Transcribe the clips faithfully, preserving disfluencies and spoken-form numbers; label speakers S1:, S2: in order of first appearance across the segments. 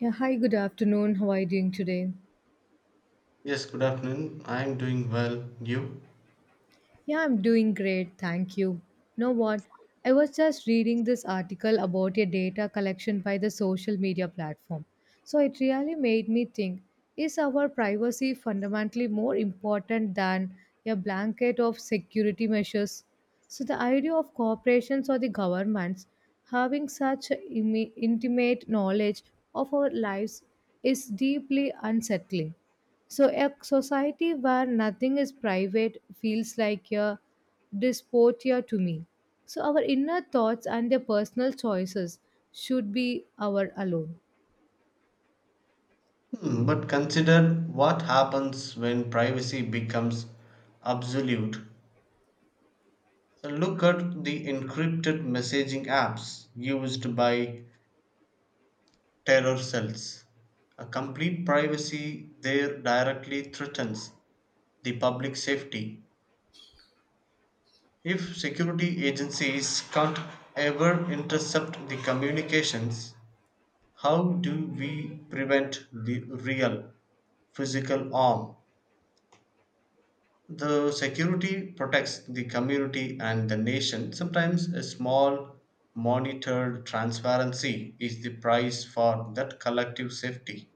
S1: Yeah, hi, good afternoon. How are you doing today?
S2: Yes, good afternoon. I'm doing well. You?
S1: Yeah, I'm doing great. Thank you. You know what? I was just reading this article about a data collection by the social media platform. So it really made me think, is our privacy fundamentally more important than a blanket of security measures? So the idea of corporations or the governments having such imi- intimate knowledge of our lives is deeply unsettling. So a society where nothing is private feels like a dysphoria to me. So our inner thoughts and their personal choices should be our alone.
S2: Hmm, but consider what happens when privacy becomes absolute. So look at the encrypted messaging apps used by terror cells. A complete privacy there directly threatens the public safety. If security agencies can't ever intercept the communications, how do we prevent the real physical harm? The security protects the community and the nation. Sometimes a small, monitored transparency is the price for that collective safety.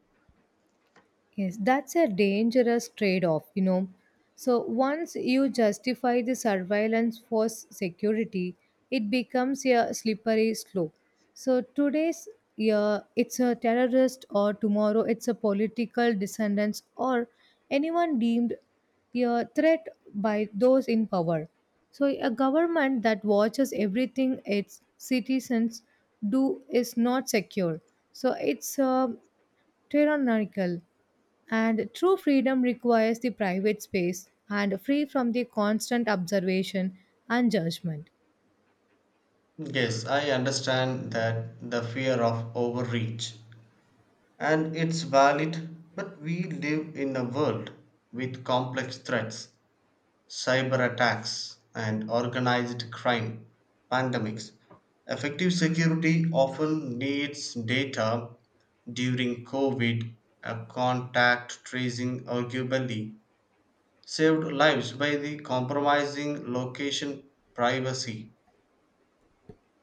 S1: Yes, that's a dangerous trade off, you know. So, once you justify the surveillance for s- security, it becomes a slippery slope. So, today's yeah, it's a terrorist, or tomorrow it's a political descendants, or anyone deemed a threat by those in power. So a government that watches everything its citizens do is not secure. So it's uh, tyrannical. And true freedom requires the private space and free from the constant observation and judgment.
S2: Yes, I understand that the fear of overreach. And it's valid, but we live in a world with complex threats: cyber attacks, and organized crime, pandemics. Effective security often needs data. During COVID, a contact tracing arguably saved lives by the compromising location privacy.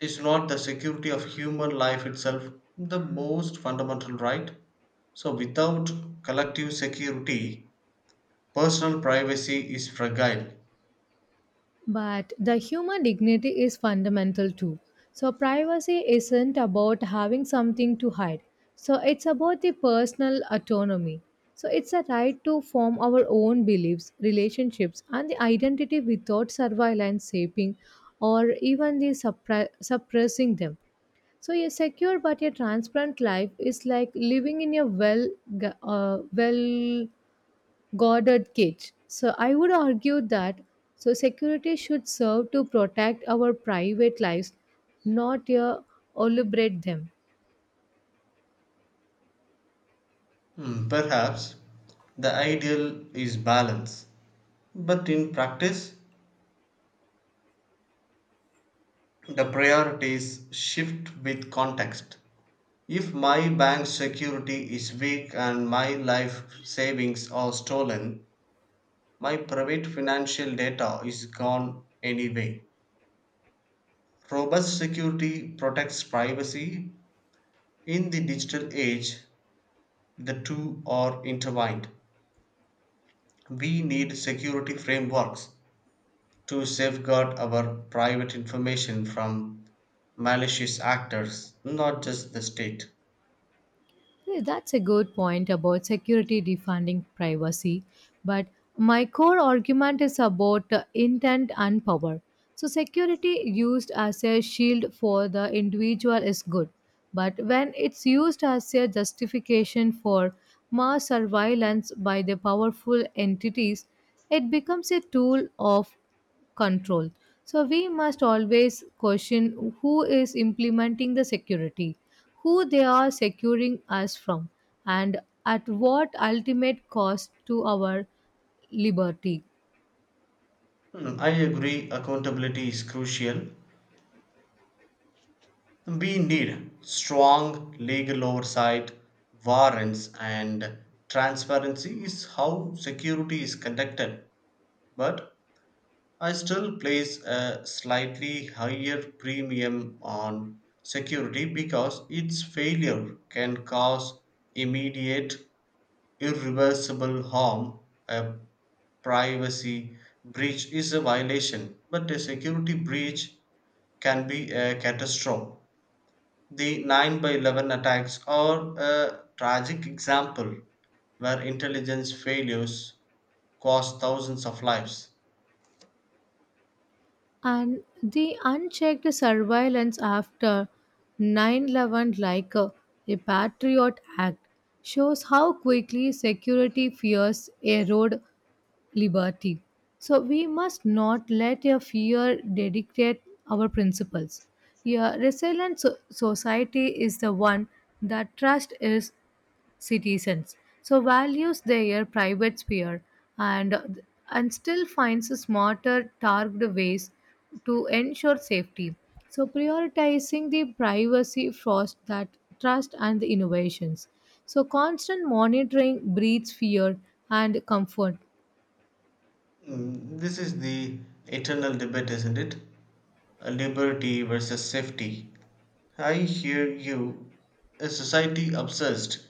S2: Is not the security of human life itself the most fundamental right? So, without collective security, personal privacy is fragile.
S1: But the human dignity is fundamental too. So privacy isn't about having something to hide. So it's about the personal autonomy. So it's a right to form our own beliefs, relationships, and the identity without surveillance shaping or even the suppre- suppressing them. So a secure but a transparent life is like living in a well gu- uh, well guarded cage. So I would argue that so security should serve to protect our private lives, not uh, elaborate them.
S2: Hmm, Perhaps the ideal is balance, but in practice, the priorities shift with context. If my bank security is weak and my life savings are stolen, my private financial data is gone anyway. Robust security protects privacy. In the digital age, the two are intertwined. We need security frameworks to safeguard our private information from malicious actors, not just the state.
S1: Yeah, that's a good point about security defunding privacy, but my core argument is about uh, intent and power. So security used as a shield for the individual is good, but when it's used as a justification for mass surveillance by the powerful entities, it becomes a tool of control. So we must always question who is implementing the security, who they are securing us from, and at what ultimate cost to our liberty.
S2: Hmm, I agree, accountability is crucial. We need strong legal oversight, warrants, and transparency is how security is conducted. But I still place a slightly higher premium on security because its failure can cause immediate irreversible harm. A privacy breach is a violation, but a security breach can be a catastrophe. The nine by eleven attacks are a tragic example where intelligence failures cost thousands of lives.
S1: And the unchecked surveillance after nine eleven, like a, a Patriot Act, shows how quickly security fears erode liberty. So we must not let a fear dictate our principles. A resilient so- society is the one that trusts its citizens, so values their private sphere, and and still finds smarter targeted ways to ensure safety. So prioritizing the privacy first, that trust and the innovations. So constant monitoring breeds fear and comfort.
S2: Mm, This is the eternal debate, isn't it? Uh, Liberty versus safety. I hear you. A society obsessed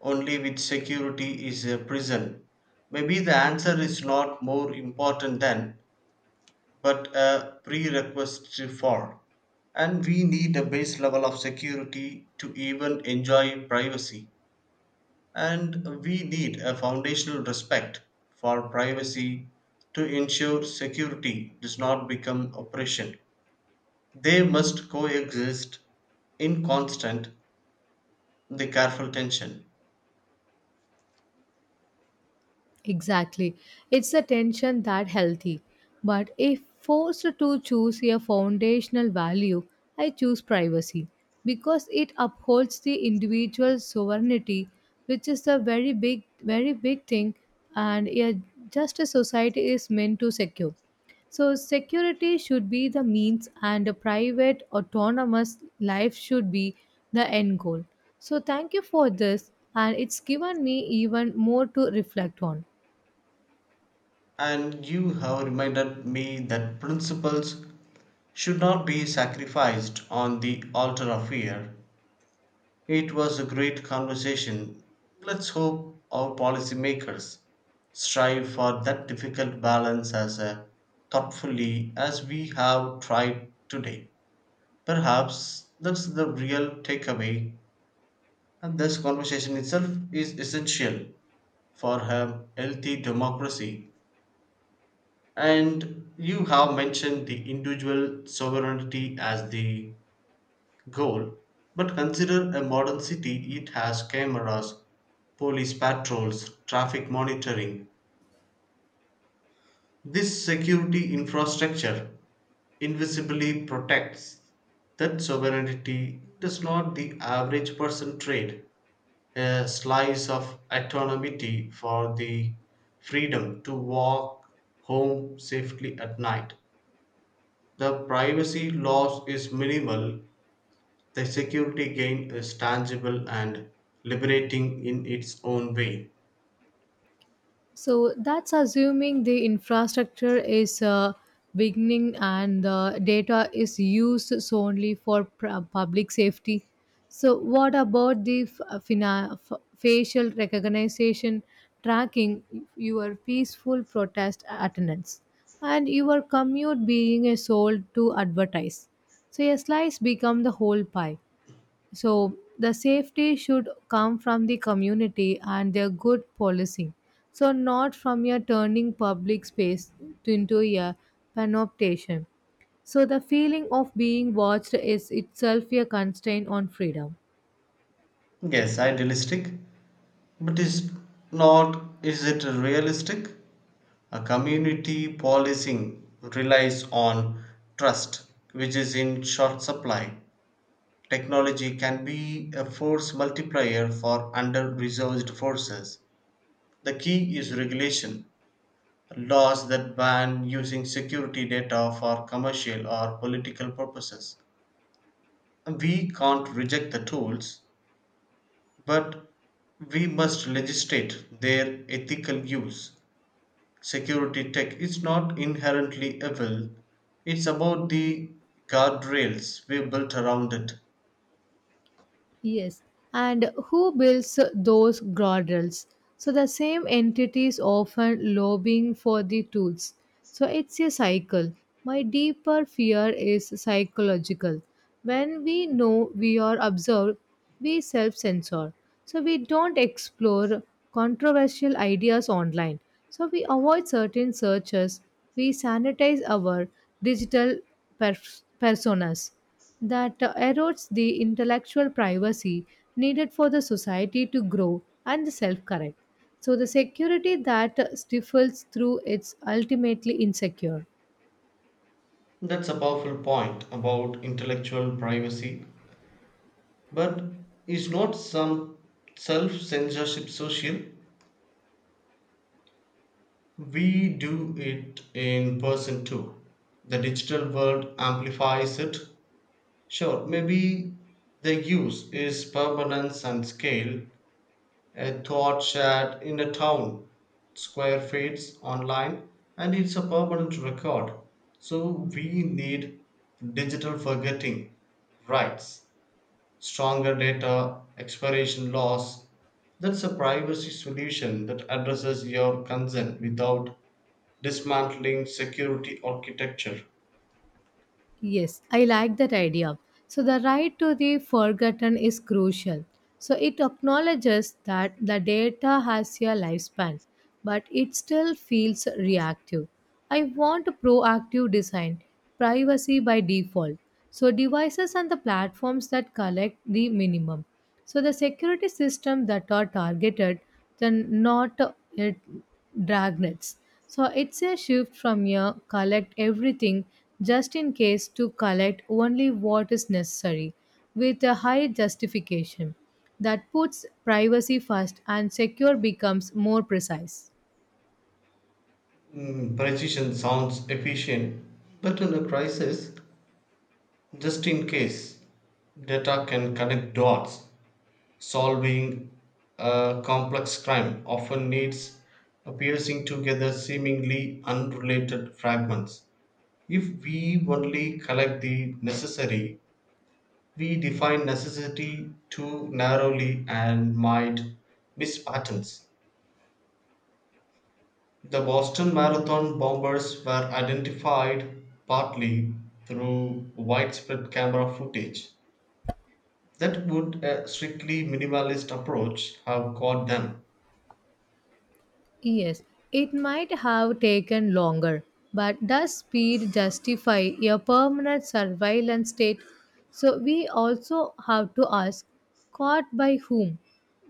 S2: only with security is a prison. Maybe the answer is not more important than, but a prerequisite for. And we need a base level of security to even enjoy privacy. And we need a foundational respect for privacy to ensure security does not become oppression. They must coexist in constant, the careful tension.
S1: Exactly. It's a tension that healthy. But if forced to choose a foundational value, I choose privacy because it upholds the individual sovereignty, which is a very big, very big thing, and a just a society is meant to secure. So security should be the means and a private autonomous life should be the end goal. So thank you for this and it's given me even more to reflect on.
S2: And you have reminded me that principles should not be sacrificed on the altar of fear. It was a great conversation. Let's hope our policymakers strive for that difficult balance as uh, thoughtfully as we have tried today. Perhaps that's the real takeaway, and this conversation itself is essential for a healthy democracy. And you have mentioned the individual sovereignty as the goal, but consider a modern city, it has cameras, police patrols, traffic monitoring. This security infrastructure invisibly protects that sovereignty. Does not the average person trade a slice of autonomy for the freedom to walk home safely at night? The privacy loss is minimal, the security gain is tangible and liberating in its own way.
S1: So that's assuming the infrastructure is uh, beginning and the data is used solely for pr- public safety. So what about the f- uh, fina- f- facial recognition tracking your peaceful protest attendance and your commute being a sold to advertise? So a slice become the whole pie. So the safety should come from the community and their good policing. So not from your turning public space to into a panoptation. So the feeling of being watched is itself a constraint on freedom.
S2: Yes, idealistic, but is not is it realistic? A community policing relies on trust, which is in short supply. Technology can be a force multiplier for under resourced forces. The key is regulation, laws that ban using security data for commercial or political purposes. We can't reject the tools, but we must legislate their ethical use. Security tech is not inherently evil, it's about the guardrails we built around it.
S1: Yes, and who builds those guardrails? So the same entity is often lobbying for the tools. So it's a cycle. My deeper fear is psychological. When we know we are observed, we self censor. So we don't explore controversial ideas online. So we avoid certain searches. We sanitize our digital pers- personas that erodes the intellectual privacy needed for the society to grow and self correct. So the security that stifles through it's ultimately insecure.
S2: That's a powerful point about intellectual privacy. But is not some self censorship social? We do it in person too. The digital world amplifies it. Sure, maybe the use is permanence and scale. A thought shared in a town square fades online and it's a permanent record. So we need digital forgetting rights, stronger data expiration laws. That's a privacy solution that addresses your concern without dismantling security architecture.
S1: Yes, I like that idea. So the right to the forgotten is crucial. So it acknowledges that the data has a lifespan, but it still feels reactive. I want a proactive design, privacy by default. So devices and the platforms that collect the minimum. So the security system that are targeted than not it dragnets. So it's a shift from a collect everything just in case to collect only what is necessary with a high justification that puts privacy first and secure becomes more precise.
S2: Mm, precision sounds efficient, but in a crisis, just in case, data can connect dots. Solving a complex crime often needs a piercing together seemingly unrelated fragments. If we only collect the necessary, we define necessity too narrowly and might miss patterns. The Boston Marathon bombers were identified partly through widespread camera footage. That would a strictly minimalist approach have caught them?
S1: Yes, it might have taken longer, but does speed justify a permanent surveillance state? So we also have to ask, caught by whom?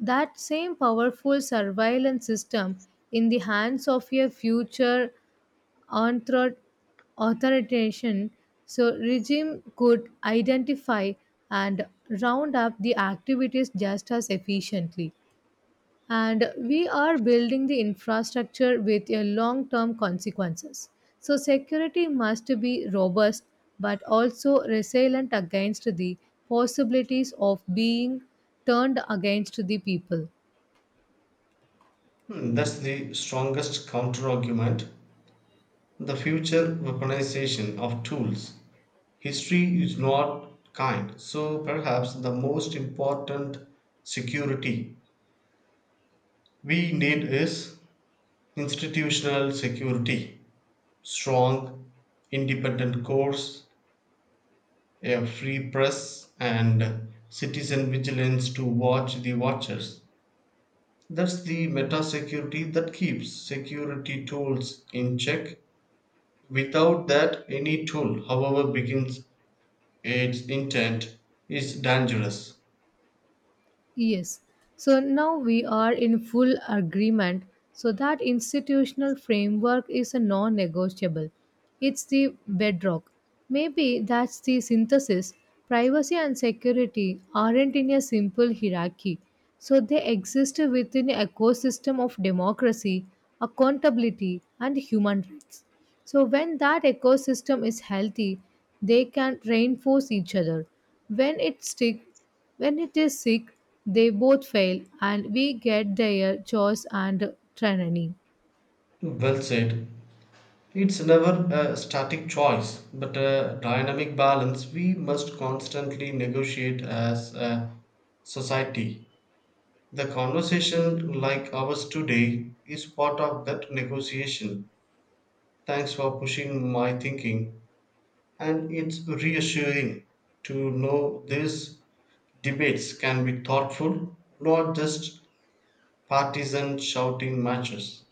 S1: That same powerful surveillance system in the hands of a future anthro- authoritarian so regime could identify and round up the activities just as efficiently, and we are building the infrastructure with a long term consequences. So security must be robust but also resilient against the possibilities of being turned against the people.
S2: Hmm, that's the strongest counterargument. The future weaponization of tools. History is not kind, so perhaps the most important security we need is institutional security, strong, independent courts, a free press, and citizen vigilance to watch the watchers. That's the meta security that keeps security tools in check. Without that, any tool, however, begins its intent, is dangerous.
S1: Yes. So now we are in full agreement so that institutional framework is a non-negotiable. It's the bedrock. Maybe that's the synthesis. Privacy and security aren't in a simple hierarchy. So they exist within an ecosystem of democracy, accountability and human rights. So when that ecosystem is healthy, they can reinforce each other. When it's strict, when it is sick, they both fail, and we get their chores and training.
S2: Well said. It's never a static choice, but a dynamic balance we must constantly negotiate as a society. The conversation like ours today is part of that negotiation. Thanks for pushing my thinking, and it's reassuring to know these debates can be thoughtful, not just partisan shouting matches.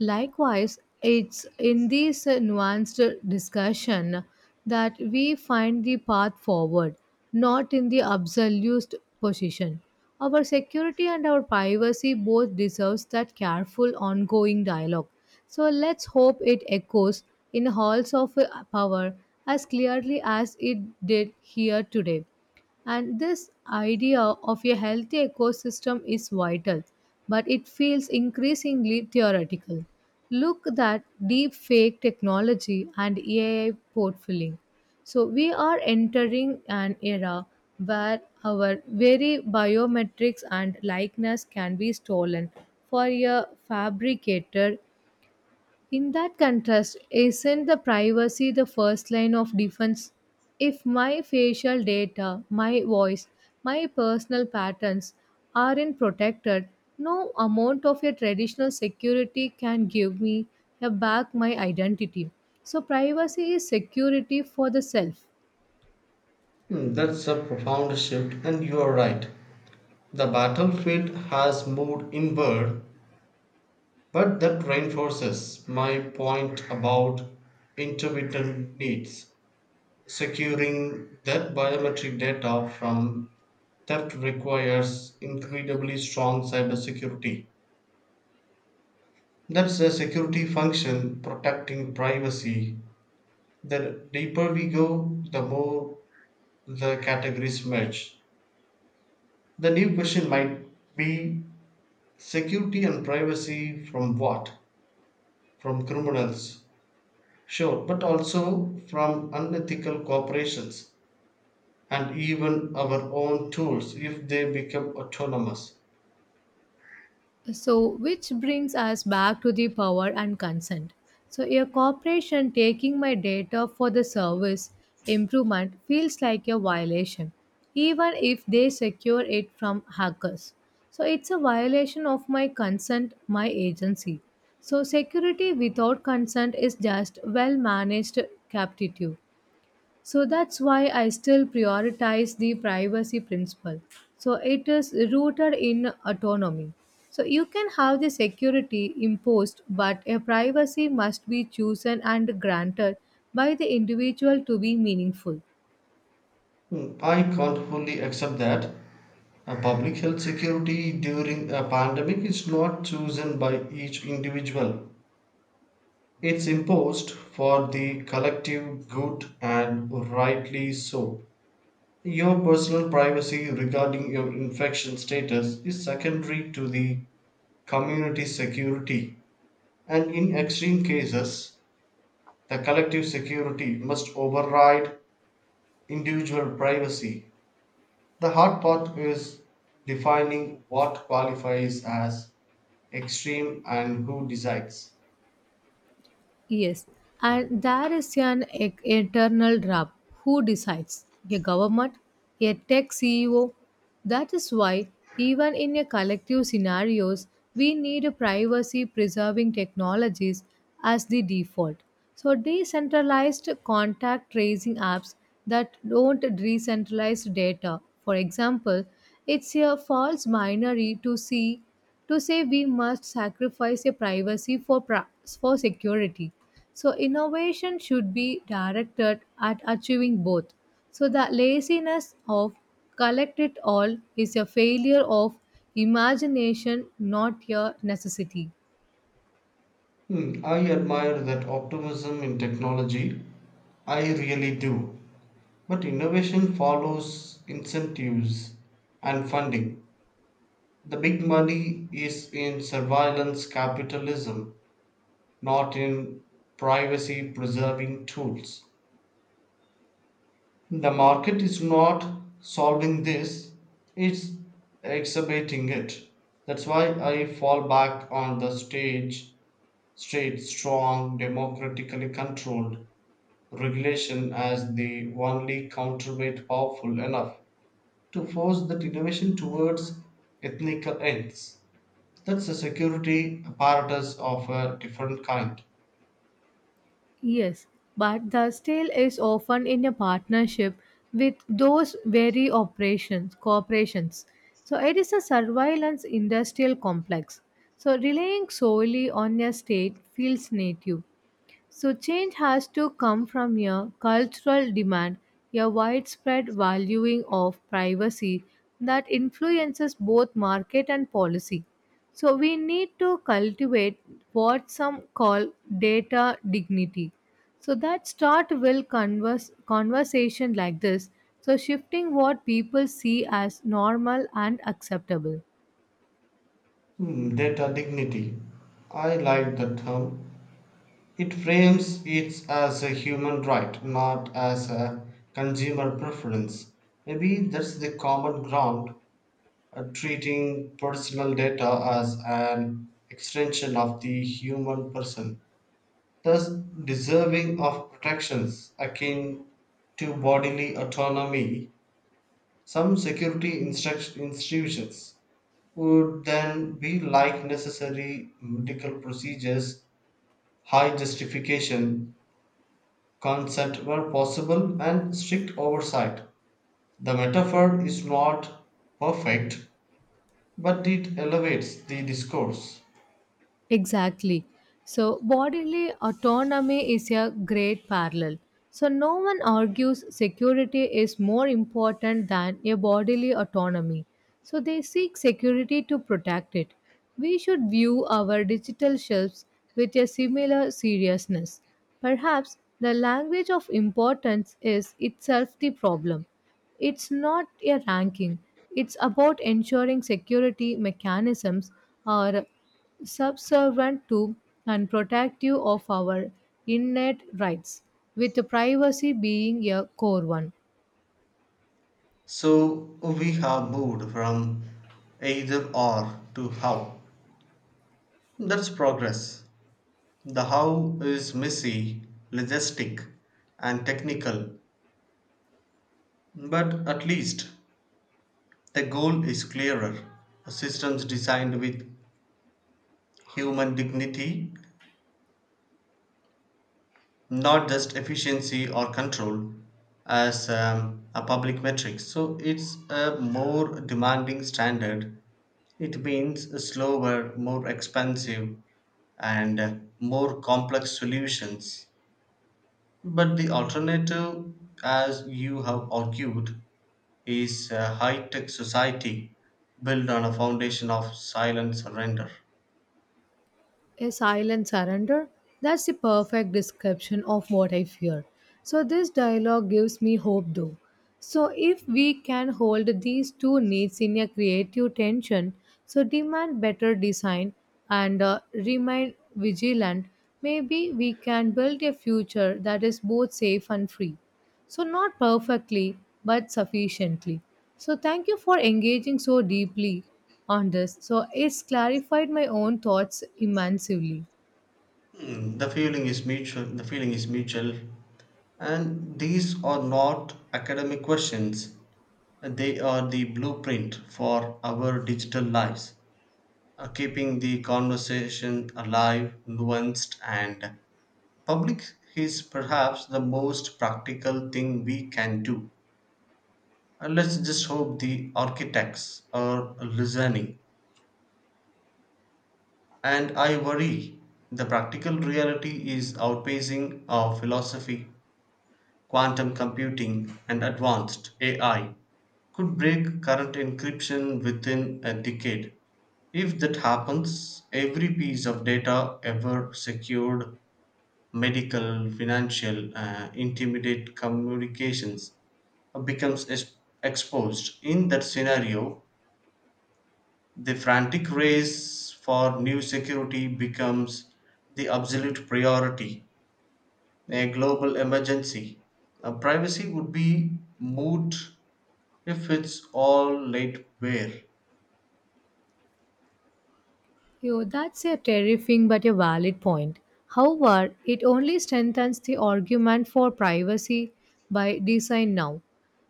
S1: Likewise, it's in this nuanced discussion that we find the path forward, not in the absolute position. Our security and our privacy both deserves that careful ongoing dialogue. So let's hope it echoes in halls of power as clearly as it did here today. And this idea of a healthy ecosystem is vital, but it feels increasingly theoretical. Look at deep fake technology and A I portfolio. So we are entering an era where our very biometrics and likeness can be stolen for a fabricated in that contrast, isn't the privacy the first line of defense? If my facial data, my voice, my personal patterns aren't protected, no amount of your traditional security can give me uh, back my identity. So privacy is security for the self.
S2: Hmm, that's a profound shift, and you are right. The battlefield has moved inward, but that reinforces my point about intermittent needs. Securing that biometric data from theft requires incredibly strong cybersecurity. That's a security function protecting privacy. The deeper we go, the more the categories merge. The new question might be, security and privacy from what? From criminals, sure, but also from unethical corporations and even our own tools if they become autonomous.
S1: So which brings us back to the power and consent. So a corporation taking my data for the service improvement feels like a violation, even if they secure it from hackers. So it's a violation of my consent, my agency. So security without consent is just well managed captive. So that's why I still prioritize the privacy principle. So it is rooted in autonomy. So you can have the security imposed, but a privacy must be chosen and granted by the individual to be meaningful.
S2: Hmm, I can't fully accept that. A public health security during a pandemic is not chosen by each individual. It's imposed for the collective good and rightly so. Your personal privacy regarding your infection status is secondary to the community security. And in extreme cases, the collective security must override individual privacy. The hard part is defining what qualifies as extreme and who decides.
S1: Yes, and there is an e- eternal drop. Who decides? A government? A tech C E O? That is why, even in a collective scenarios, we need a privacy-preserving technologies as the default. So decentralized contact tracing apps that don't decentralize data. For example, it's a false binary to see to say we must sacrifice a privacy for pra- for security. So innovation should be directed at achieving both. So the laziness of collect it all is a failure of imagination, not a necessity.
S2: Hmm, I admire that optimism in technology. I really do. But innovation follows incentives and funding. The big money is in surveillance capitalism, not in privacy preserving tools. The market is not solving this, it's exacerbating it. That's why I fall back on the stage, straight, strong, democratically controlled regulation as the only counterweight powerful enough to force that innovation towards ethnical ends. That's a security apparatus of a different kind.
S1: Yes, but the sale is often in a partnership with those very operations, corporations. So it is a surveillance industrial complex. So relying solely on a state feels native. So change has to come from a cultural demand, a widespread valuing of privacy that influences both market and policy. So we need to cultivate what some call data dignity. So that start will converse, conversation like this. So shifting what people see as normal and acceptable.
S2: Hmm, data dignity. I like the term. It frames it as a human right, not as a consumer preference. Maybe that's the common ground, uh, treating personal data as an extension of the human person, thus deserving of protections akin to bodily autonomy. Some security instruct- institutions would then be like necessary medical procedures, high justification, consent where possible, and strict oversight. The metaphor is not perfect, but it elevates the discourse.
S1: Exactly. So bodily autonomy is a great parallel. So no one argues security is more important than a bodily autonomy. So they seek security to protect it. We should view our digital shelves with a similar seriousness. Perhaps the language of importance is itself the problem. It's not a ranking, it's about ensuring security mechanisms are subservient to and protective of our innate rights, with privacy being a core one.
S2: So we have moved from either or to how. That's progress. The how is messy, logistic, and technical, but at least the goal is clearer: a systems designed with human dignity, not just efficiency or control as um, a public metric. So it's a more demanding standard. It means slower, more expensive, and uh, more complex solutions. But the alternative, as you have argued, is a high tech society built on a foundation of silent surrender.
S1: A silent surrender? That's the perfect description of what I fear. So this dialogue gives me hope though. So if we can hold these two needs in a creative tension, so demand better design and uh, remain vigilant, maybe we can build a future that is both safe and free. So not perfectly, but sufficiently. So thank you for engaging so deeply on this. So it's clarified my own thoughts immensely.
S2: Hmm, the feeling is mutual. The feeling is mutual, and these are not academic questions. They are the blueprint for our digital lives. Uh, keeping the conversation alive, nuanced, and public is perhaps the most practical thing we can do. And let's just hope the architects are listening. And I worry the practical reality is outpacing our philosophy: quantum computing, and advanced A I could break current encryption within a decade. If that happens, every piece of data ever secured, medical, financial, uh, intimidate communications, uh, becomes es- exposed. In that scenario, the frantic race for new security becomes the absolute priority, a global emergency. Uh, privacy would be moot if it's all lateware.
S1: Yo, that's a terrifying but a valid point. However, it only strengthens the argument for privacy by design now.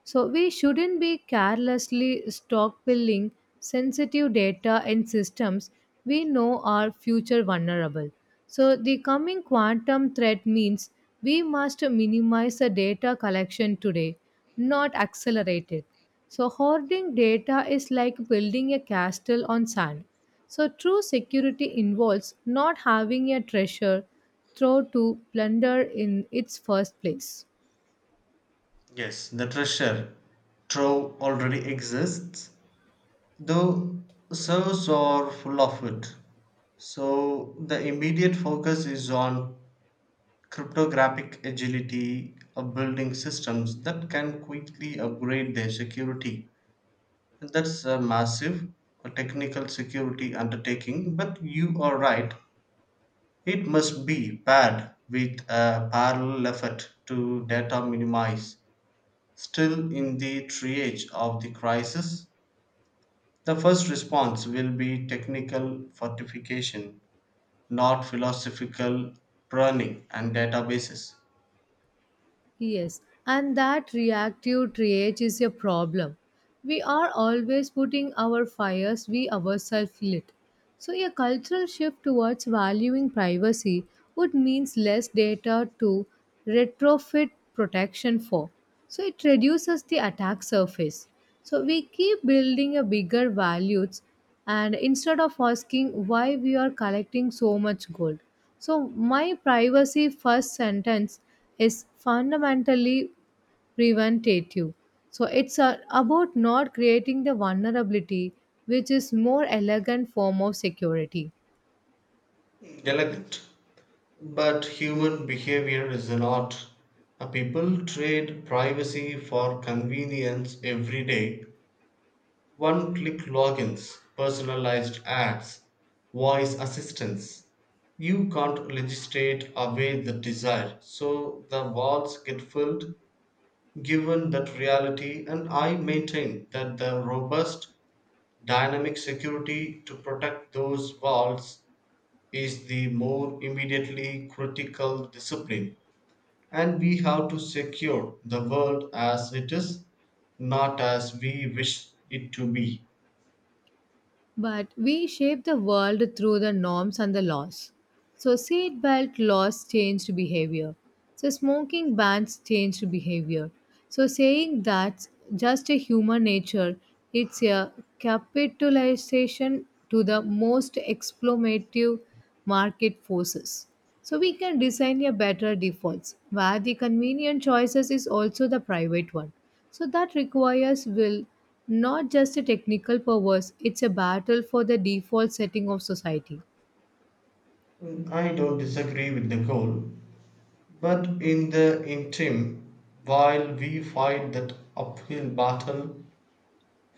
S1: So we shouldn't be carelessly stockpiling sensitive data in systems we know are future vulnerable. So the coming quantum threat means we must minimize the data collection today, not accelerate it. So hoarding data is like building a castle on sand. So true security involves not having a treasure throw to plunder in its first place.
S2: Yes, the treasure trove already exists, though servers are full of it. So the immediate focus is on cryptographic agility of building systems that can quickly upgrade their security. That's a massive uh, technical security undertaking, but you are right. It must be paired with a parallel effort to data minimize. Still in the triage of the crisis, the first response will be technical fortification, not philosophical pruning and databases.
S1: Yes, and that reactive triage is a problem. We are always putting our fires we ourselves lit. So a cultural shift towards valuing privacy would means less data to retrofit protection for. So it reduces the attack surface. So we keep building a bigger values and instead of asking why we are collecting so much gold. So my privacy first sentence is fundamentally preventative. So it's uh, about not creating the vulnerability, which is more elegant form of security.
S2: Delicate, but human behavior is an art. Uh, People trade privacy for convenience every day: one click logins, personalized ads, voice assistants. You can't legislate away the desire, so the walls get filled given that reality. And I maintain that the robust, dynamic security to protect those walls is the more immediately critical discipline. And we have to secure the world as it is, not as we wish it to be.
S1: But we shape the world through the norms and the laws. So seatbelt laws changed behavior. So smoking bans changed behavior. So saying that's just a human nature, it's a capitalization to the most exploitative market forces. So we can design a better defaults where the convenient choices is also the private one. So that requires will not just a technical powers, it's a battle for the default setting of society.
S2: I don't disagree with the goal, but in the interim, while we fight that uphill battle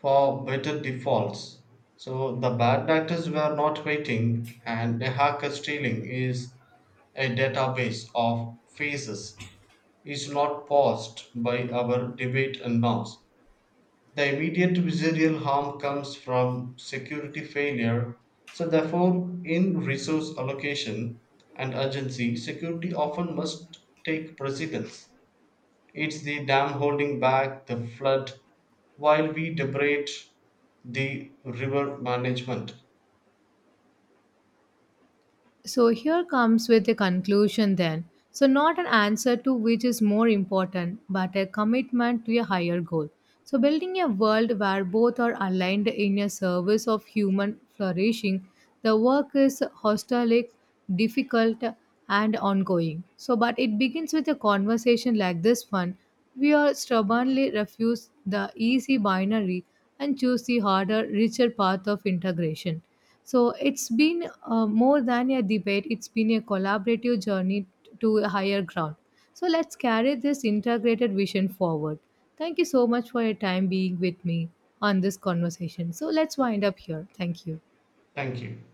S2: for better defaults, so the bad actors were not waiting, and the hacker stealing is a database of faces, is not paused by our debate and norms. The immediate residual harm comes from security failure, so therefore, in resource allocation and urgency, security often must take precedence. It's the dam holding back the flood while we debate the river management.
S1: So here comes with the conclusion then. So not an answer to which is more important, but a commitment to a higher goal. So building a world where both are aligned in a service of human flourishing, the work is hostile, difficult, and ongoing. So but it begins with a conversation like this one. We are stubbornly refuse the easy binary and choose the harder, richer path of integration. So it's been uh, more than a debate, it's been a collaborative journey to a higher ground. So let's carry this integrated vision forward. Thank you so much for your time being with me on this conversation. So let's wind up here. Thank you.
S2: Thank you.